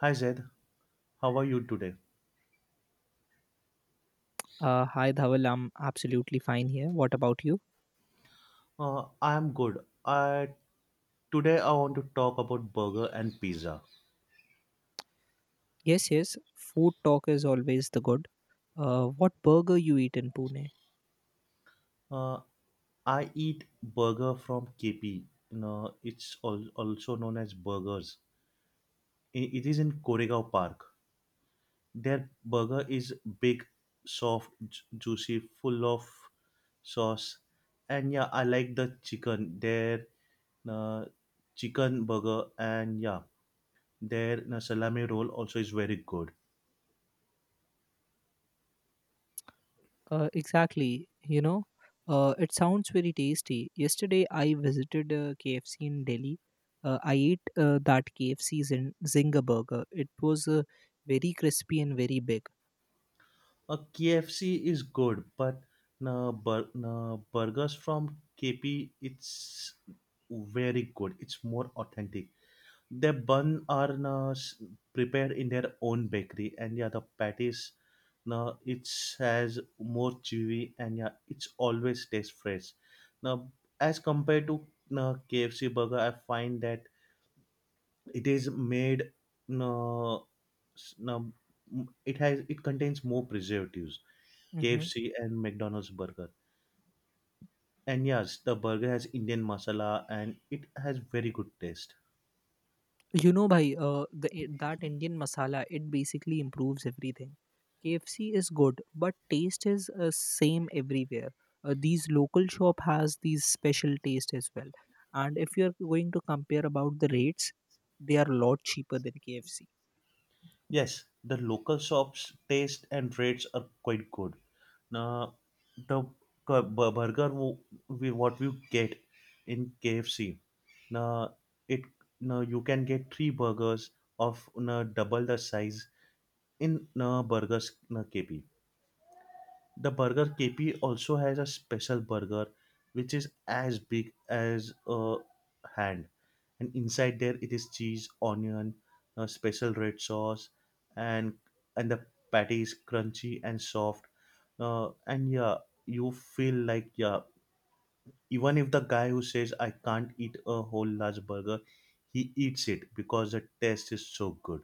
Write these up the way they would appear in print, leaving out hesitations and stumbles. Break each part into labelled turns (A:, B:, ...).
A: Hi Zaid, how are you today?
B: Hi, Dhawal. I'm absolutely fine here. What about you?
A: I am good. I Today I want to talk about burger and pizza.
B: Yes, yes. Food talk is always the good. What burger you eat in Pune?
A: Uh, I eat burger from KP. You know, it's also known as burgers. It is in Koregaon Park. Their burger is big, soft, juicy, full of sauce, and yeah, I like the chicken. Their uh, chicken burger, and yeah, their salami roll also is very good.
B: Exactly. It sounds very tasty. Yesterday, I visited KFC in Delhi. I ate that KFC Zinger burger. It was very crispy and very big.
A: A KFC is good, but no, burgers from KP it's very good. It's more authentic. The bun are no, s- prepared in their own bakery, and yeah, the patties no, it has more chewy, and yeah, it's always tastes fresh. Now, as compared to no, KFC burger, I find that it is made no, s- no, m- it has it contains more preservatives
B: Mhm.
A: KFC and McDonald's burger. And yes, the burger has Indian masala and it has very good taste.
B: Bhai, that Indian masala, it basically improves everything. KFC is good, but taste is same everywhere. These local shop has these special taste as well. And if you're going to compare about the rates, they are a lot cheaper than KFC.
A: Yes, the local shops taste and rates are quite good. Now, the cu- bu- burger wo- we what you get in KFC, now it now you can get three burgers of now double the size in now burgers now KP. The Burger KP also has a special burger which is as big as a hand. And inside there it is cheese, onion, a special red sauce, and and the patty is crunchy and soft. And yeah, you feel like, yeah, even if the guy who says I can't eat a whole large burger, he eats it because the taste is so good.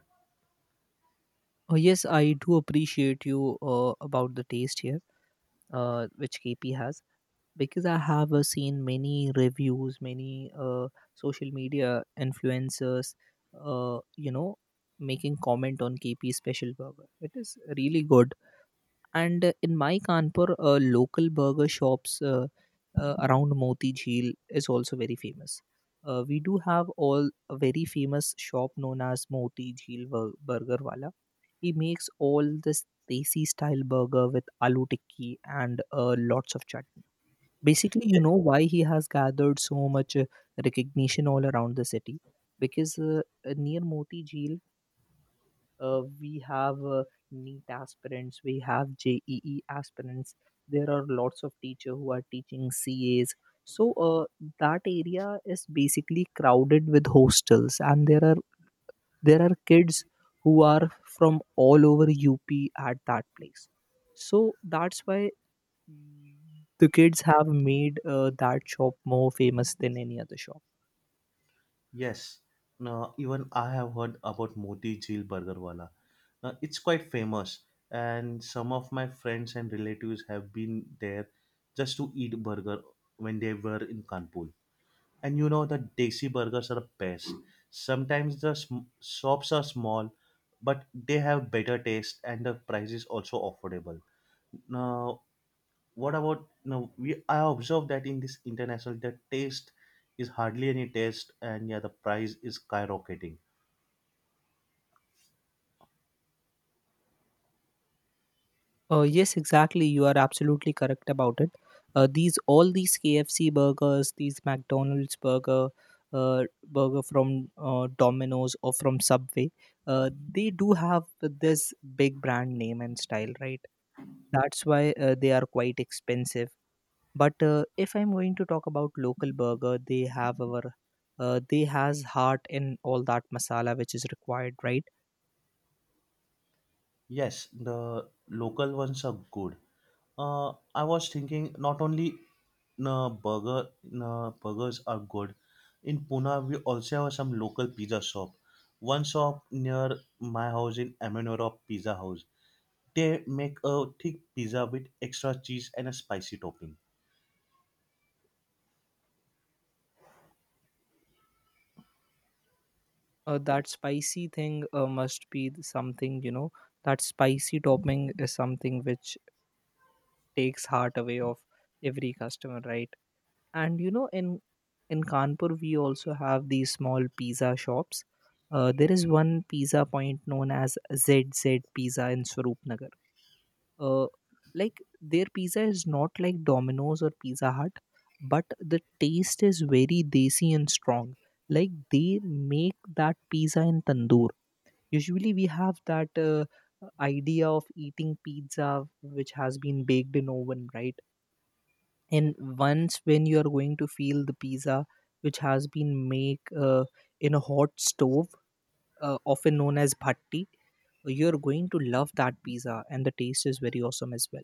B: Oh, yes, I do appreciate you about the taste here, which KP has, because I have seen many reviews, many social media influencers uh, you know, making comment on KP special burger. It is really good. And in my Kanpur, local burger shops around Moti Jheel is also very famous. We do have all a very famous shop known as Moti Jheel Burger Wala. He makes all this desi style burger with aloo tikki and lots of chutney. Basically, you know why he has gathered so much recognition all around the city? Because near Moti Jeel, we have NEET aspirants, we have JEE aspirants. There are lots of teachers who are teaching CAs. So that area is basically crowded with hostels, and there are kids who are from all over UP at that place. So that's why the kids have made that shop more famous than any other shop.
A: Yes. Now, even I have heard about Moti Jheel Burger Wala. Now, it's quite famous, and some of my friends and relatives have been there just to eat burger when they were in Kanpur. And you know, the desi burgers are the best. Sometimes the shops are small, but they have better taste and the price is also affordable. Now, what about now we I observed that in this international, the taste is hardly any taste, and yeah, the price is skyrocketing.
B: Yes, exactly. You are absolutely correct about it. These KFC burgers, these McDonald's burger, burger from Domino's or from Subway, they do have this big brand name and style, right? That's why they are quite expensive, but if I'm going to talk about local burger, they have our they has heart in all that masala, which is required, right?
A: Yes, the local ones are good. I was thinking not only no burger no burgers are good. In Pune we also have some local pizza shop. One shop near my house in Amenora Pizza House. They make a thick pizza with extra cheese and a spicy topping.
B: Uh, that spicy thing must be something, you know, that spicy topping is something which takes heart away of every customer, right? And you know, in Kanpur we also have these small pizza shops. There is one pizza point known as Z Z pizza in Swaroopnagar. Uh, like their pizza is not like Domino's or Pizza Hut, but the taste is very desi and strong. Like they make that pizza in tandoor. Usually we have that idea of eating pizza which has been baked in oven, right? And once when you are going to feel the pizza which has been made in a hot stove, often known as bhatti, you're going to love that pizza, and the taste is very awesome as well.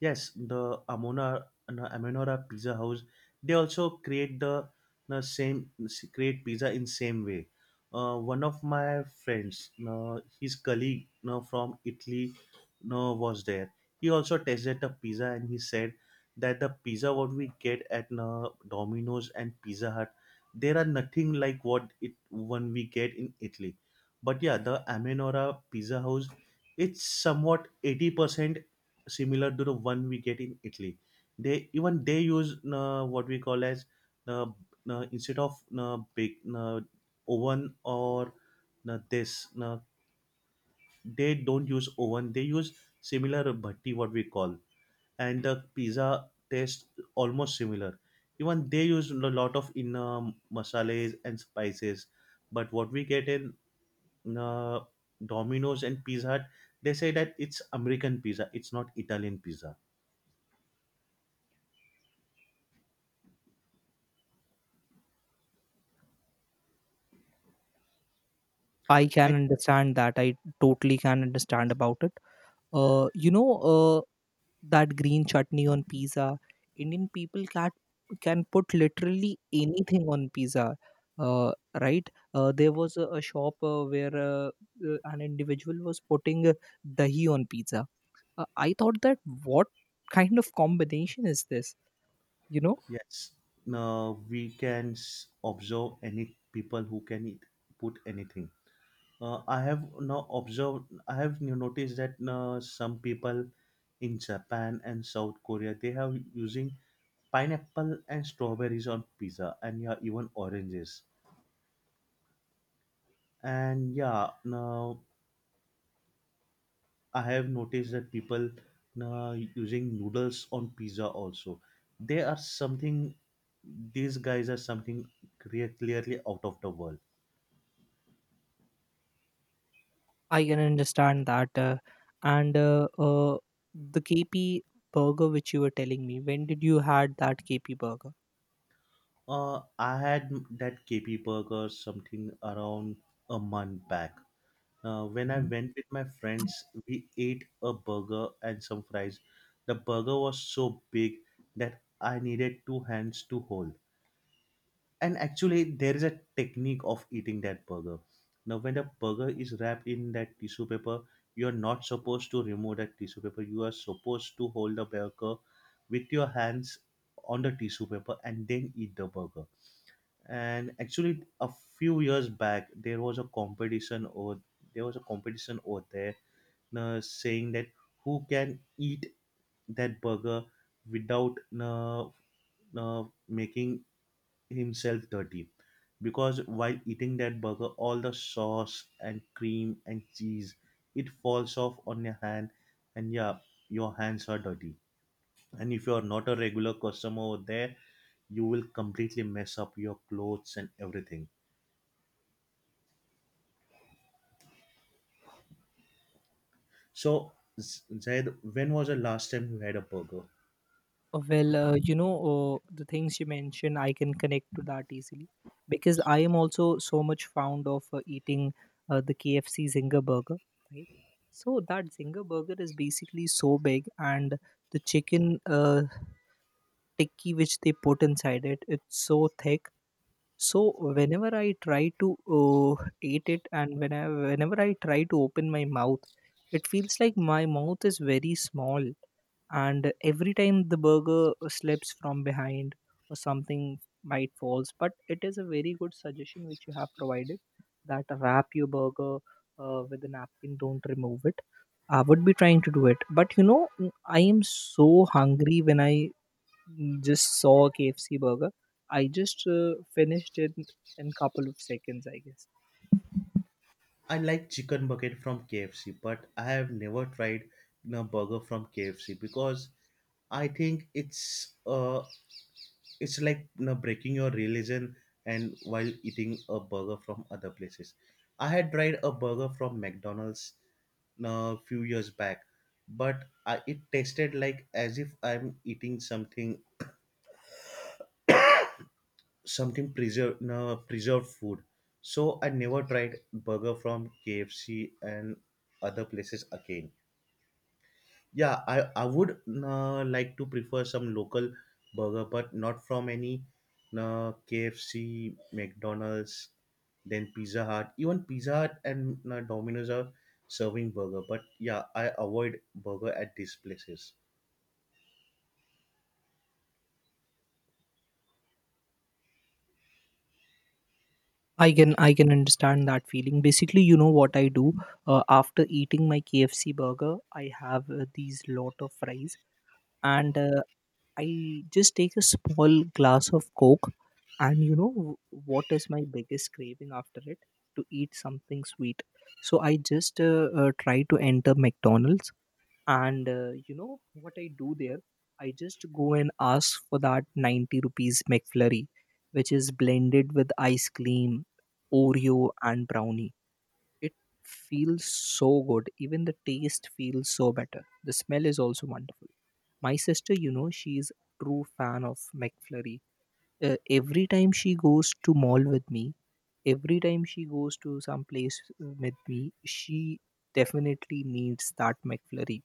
A: Yes, the Amona no, Amenora Pizza House. They also create the no, same s- create pizza in same way. One of my friends, his colleague, from Italy, no, was there. He also tasted the pizza and he said that the pizza what we get at no, Domino's and Pizza Hut, there are nothing like what it one we get in Italy. But yeah, the Amenora Pizza House, it's somewhat 80% similar to the one we get in Italy. They even they use what we call as uh, instead of big oven or this they don't use oven. They use similar bhatti what we call, and the pizza tastes almost similar. Even they use a lot of in masales and spices, but what we get in uh, Domino's and Pizza Hut, they say that it's American pizza. It's not Italian pizza.
B: I can understand that. I totally can understand about it. Uh, you know, uh, that green chutney on pizza. Indian people can put literally anything on pizza. Uh, right? There was a shop where an individual was putting dahi on pizza. I thought that what kind of combination is this? You know.
A: Yes, we can observe any people who can eat, put anything. I have now observed. I have noticed that some people in Japan and South Korea they have using pineapple and strawberries on pizza, and yeah, even oranges. And yeah, now I have noticed that people now using noodles on pizza also. They are something. These guys are something clearly out of the world.
B: I can understand that. And the KP burger which you were telling me, when did you had that KP burger?
A: I had that KP burger something around a month back. When I
B: Mhm.
A: went with my friends, we ate a burger and some fries. The burger was so big that I needed two hands to hold. And actually, there is a technique of eating that burger. Now, when the burger is wrapped in that tissue paper, you are not supposed to remove that tissue paper. You are supposed to hold the burger with your hands on the tissue paper and then eat the burger. And actually, a few years back, there was a competition over there, saying that who can eat that burger without making himself dirty, because while eating that burger all the sauce and cream and cheese, it falls off on your hand, and yeah, your hands are dirty, and if you are not a regular customer over there, you will completely mess up your clothes and everything. So, Zaid, when was the last time you had a burger?
B: Well, the things you mentioned, I can connect to that easily because I am also so much fond of eating the KFC Zinger burger, right? So that Zinger burger is basically so big, and the chicken tikki which they put inside it, it's so thick. So whenever I try to eat it, and whenever I try to open my mouth, it feels like my mouth is very small, and every time the burger slips from behind or something might falls. But it is a very good suggestion which you have provided, that wrap your burger with a napkin. Don't remove it. I would be trying to do it, but you know, I am so hungry when I just saw KFC burger. I just finished it in couple of seconds, I guess.
A: I like chicken bucket from KFC, but I have never tried a burger from KFC because I think it's like, you know, breaking your religion and while eating a burger from other places. I had tried a burger from McDonald's a few years back, but it tasted like as if I'm eating something something preserved no, preserved food. So I never tried burger from KFC and other places again. Yeah, I would no, like to prefer some local burger, but not from any no, KFC, McDonald's, then Pizza Hut. Even Pizza Hut and no, Domino's are serving burger, but yeah, I avoid burger at these places.
B: I can understand that feeling. Basically, you know what I do after eating my KFC burger, I have these lot of fries, and I just take a small glass of Coke. And you know what is my biggest craving after it? To eat something sweet. So I just try to enter McDonald's, and you know what I do there, I just go and ask for that 90 rupees McFlurry, which is blended with ice cream, Oreo and brownie. It feels so good, even the taste feels so better, the smell is also wonderful. My sister, you know, she is true fan of McFlurry. Uh, every time she goes to mall with me, every time she goes to some place with me, she definitely needs that McFlurry.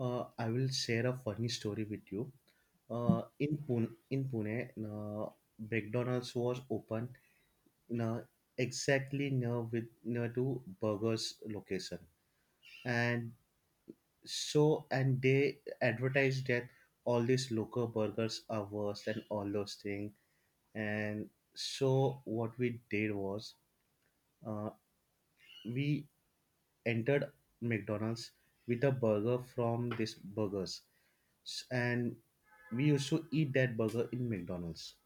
A: I will share a funny story with you. In Pune, McDonald's was open in a, exactly near to Burger's location, and so and they advertised that all these local burgers are worse and all those things. And so what we did was, uh, we entered McDonald's with a burger from this burgers, and we used to eat that burger in McDonald's.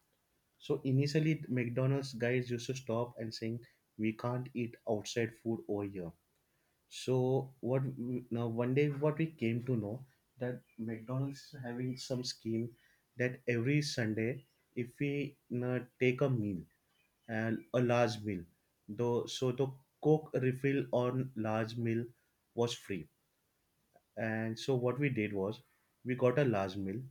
A: So initially, McDonald's guys used to stop and saying, "We can't eat outside food over here." So what we- now? One day, what we came to know that McDonald's is having some scheme that every Sunday, if we, you know, take a meal and a large meal. Though so the Coke refill on large meal was free. And so what we did was we got a large meal,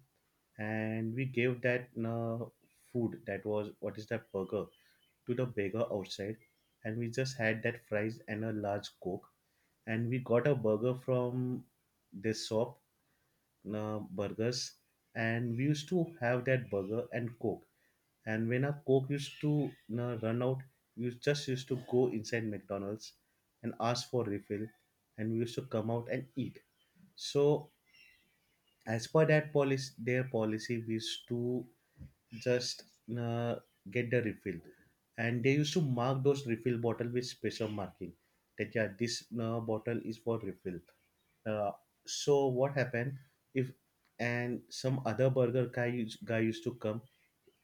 A: and we gave that food that was what is that burger to the beggar outside, and we just had that fries and a large coke, and we got a burger from this shop, burgers, and we used to have that burger and coke, and when our Coke used to, you know, run out, we just used to go inside McDonald's and ask for refill, and we used to come out and eat. So as per that policy, their policy was to just uh, get the refill, and they used to mark those refill bottle with special marking that yeah, this bottle is for refill. Uh, so what happened, if and some other burger guy used to come,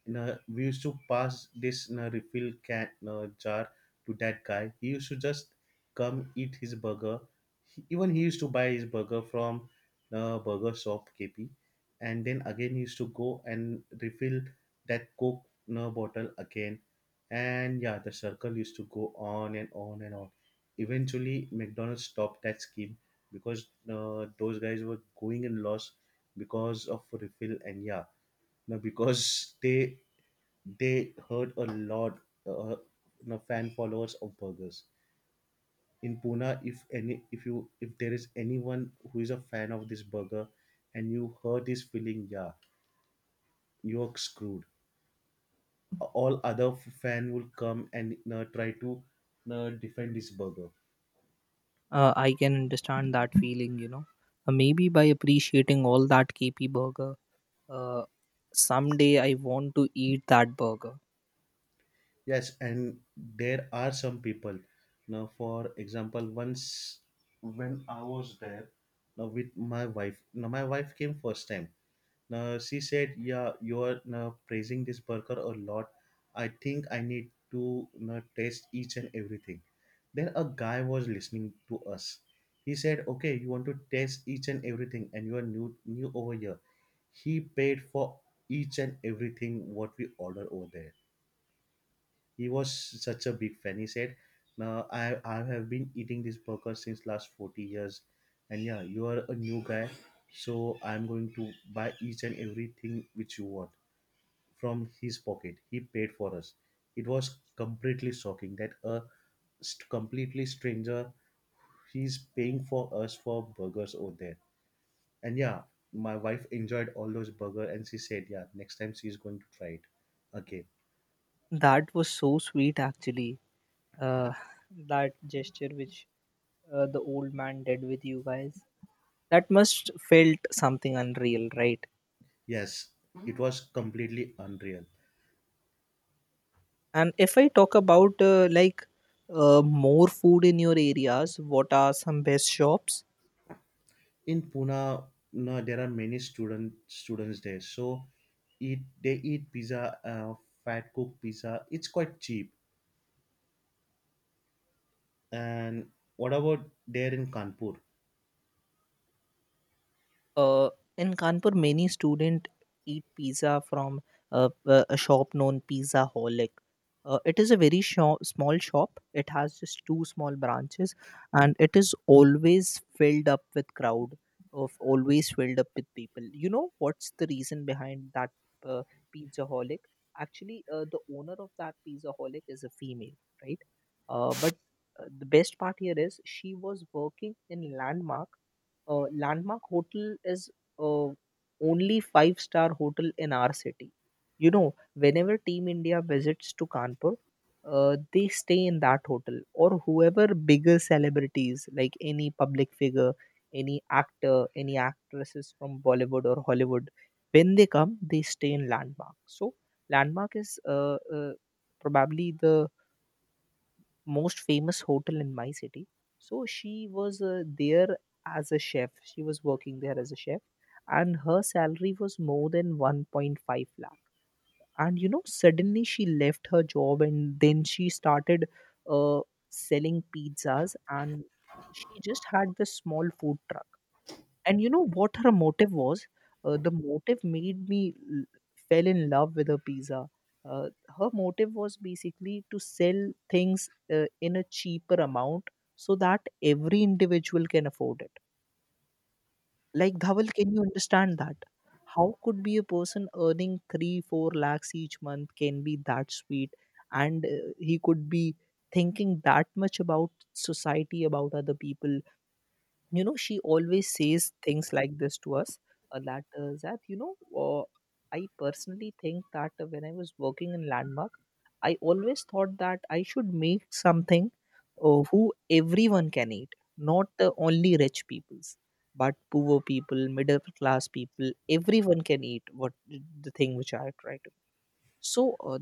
A: na, we used to pass this na refill can na jar to that guy. He used to just come eat his burger. He used to buy his burger from the burger shop KP, and then again he used to go and refill that Coke na bottle again. And yeah, the circle used to go on and on and on. Eventually, McDonald's stopped that scheme because those guys were going in loss because of refill. And yeah, no, because they heard a lot, uh, you know, fan followers of burgers in Pune. If there is anyone who is a fan of this burger, and you hurt his feeling, yeah, you're screwed. All other fan will come and try to defend this burger.
B: I can understand that feeling, you know. Maybe by appreciating all that KP burger, uh, someday I want to eat that burger.
A: Yes, and there are some people. Now, for example, once when I was there, now with my wife, now my wife came first time. Now she said, "Yeah, you are now praising this burger a lot. I think I need to now taste each and everything." Then a guy was listening to us. He said, "Okay, you want to taste each and everything, and you are new over here." He paid for each and everything what we order over there. He was such a big fan. He said, "Now I have been eating this burger since last 40 years, and yeah, you are a new guy, so I'm going to buy each and everything which you want." From his pocket, he paid for us. It was completely shocking that a completely stranger, he's paying for us for burgers over there. And yeah, my wife enjoyed all those burger, and she said, "Yeah, next time she's going to try it again."
B: That was so sweet, actually. Uh, that gesture which the old man did with you guys, that must felt something unreal, right?
A: Yes, it was completely unreal.
B: And if I talk about like more food in your areas, what are some best shops?
A: In Pune, no, there are many students there, so eat they eat pizza, fat cook pizza. It's quite cheap. And what about there in Kanpur?
B: Uh, in Kanpur, many students eat pizza from a shop known Pizza Holic. It is a very small shop. It has just two small branches, and it is always filled up with crowd of always filled up with people. You know what's the reason behind that uh, Pizza Holic? Actually, the owner of that Pizza Holic is a female, right? But the best part here is she was working in Landmark. Landmark Hotel is uh, only five-star hotel in our city. You know, whenever Team India visits to Kanpur, they stay in that hotel, or whoever bigger celebrities like any public figure, any actor, any actresses from Bollywood or Hollywood, when they come, they stay in Landmark. So Landmark is probably the most famous hotel in my city. So she was there as a chef. She was working there as a chef, and her salary was more than 1.5 lakh. And you know, suddenly she left her job and then she started uh, selling pizzas, and she just had this small food truck. And you know what her motive was, the motive made me l- fell in love with her pizza. uh, Her motive was basically to sell things in a cheaper amount so that every individual can afford it. Like, Dhaval, can you understand that how could be a person earning 3 4 lakhs each month can be that sweet, and he could be thinking that much about society, about other people. You know, she always says things like this to us, that, you know, uh, I personally think that when I was working in Landmark, I always thought that I should make something who everyone can eat, not only rich people's, but poor people, middle class people, everyone can eat, what the thing which I try. So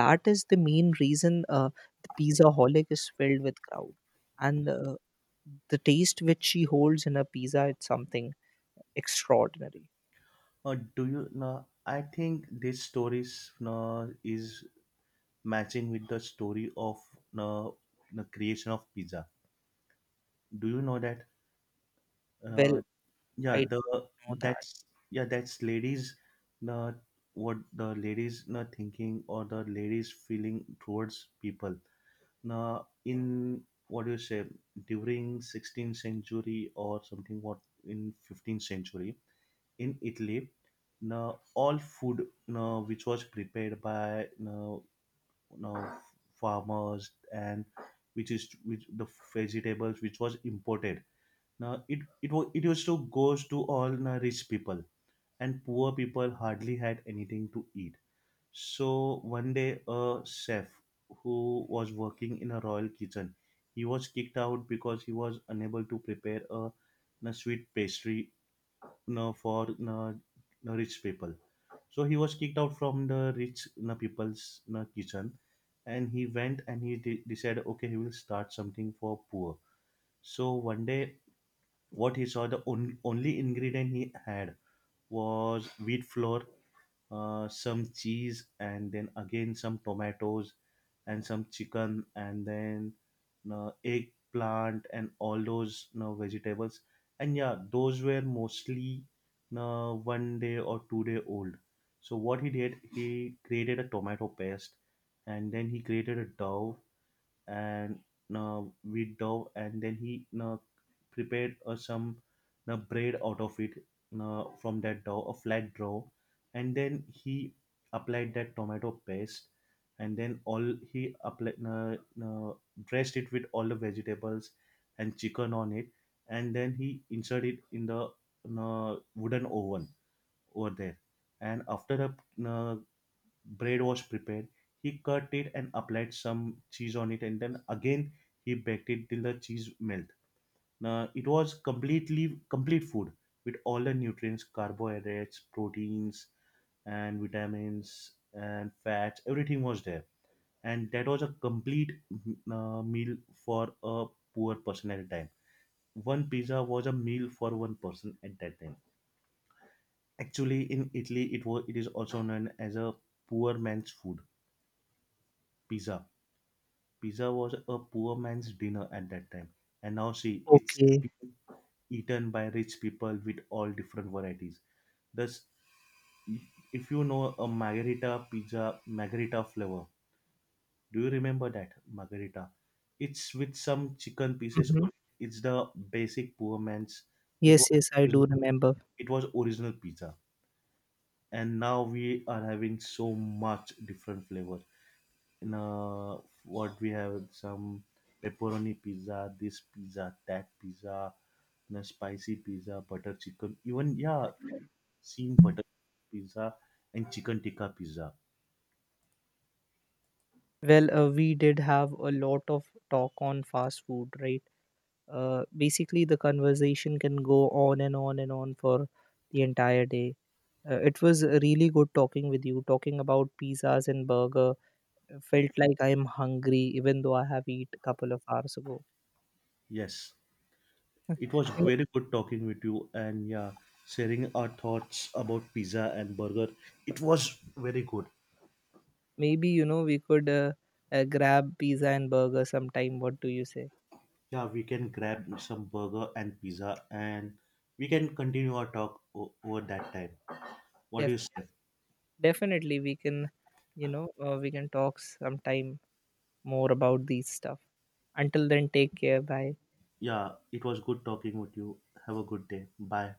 B: that is the main reason the Pizza Holic is filled with crowd, and the taste which she holds in a pizza, it's something extraordinary.
A: Do you know? I think this story is, no, is matching with the story of no, the creation of pizza. Do you know that?
B: Well,
A: Uh, yeah
B: I
A: the
B: don't know that.
A: that's yeah, that's ladies, not what the ladies not thinking or the ladies feeling towards people now in, what do you say, during 16th century or something, what, in 15th century in Italy, now all food, now which was prepared by now farmers, and which the vegetables which was imported now, it used to goes to all the rich people, and poor people hardly had anything to eat. So one day, a chef who was working in a royal kitchen, he was kicked out because he was unable to prepare a sweet pastry, no, for no rich people. So he was kicked out from the rich people's no, kitchen, and he went and he decided okay he will start something for poor. So one day, what he saw, the only ingredient he had was wheat flour, some cheese, and then again some tomatoes and some chicken, and then eggplant, and all those, you know, vegetables. And yeah, those were mostly one day or 2 day old. So what he did, he created a tomato paste, and then he created a dough. And with dough, and then he prepared some bread out of it, from that dough, a flat dough. And then he applied that tomato paste, and then all he applied, uh, dressed it with all the vegetables and chicken on it, and then he inserted it in the wooden oven over there. And after a, bread was prepared, he cut it and applied some cheese on it, and then again he baked it till the cheese melt. Now it was complete food with all the nutrients, carbohydrates, proteins, and vitamins and fats. Everything was there, and that was a complete meal for a poor person at a time. One pizza was a meal for one person at that time. Actually, in Italy, it is also known as a poor man's food, pizza. Pizza was a poor man's dinner at that time, and now see, it's
B: Okay.
A: being eaten by rich people with all different varieties. Thus, if you know a margarita pizza, margarita flavor, do you remember that margarita? It's with some chicken pieces
B: Hmm.
A: on it. It's the basic poor man's. It was
B: Yes, yes, I do remember.
A: it was original pizza, and now we are having so much different flavors in, what we have, some pepperoni pizza, this pizza, that pizza, and a spicy pizza, butter chicken. Even yeah, seen butter pizza and chicken tikka pizza.
B: Well, we did have a lot of talk on fast food, right? Basically, the conversation can go on and on and on for the entire day. It was really good talking with you, talking about pizzas and burgers. Felt like I'm hungry, even though I have eat a couple of hours ago.
A: Yes,
B: You
A: it was
B: know,
A: very good talking with you, and yeah, sharing our thoughts about pizza and burger. It was very good.
B: maybe you know we could grab pizza and burger sometime. What do you say?
A: Yeah, we can grab some burger and pizza, and we can continue our talk over that time. What do you
B: Definitely,
A: say?
B: definitely we can. You know, we can talk sometime more about these stuff. Until then, take care. Bye.
A: Yeah, it was good talking with you. Have a good day. Bye.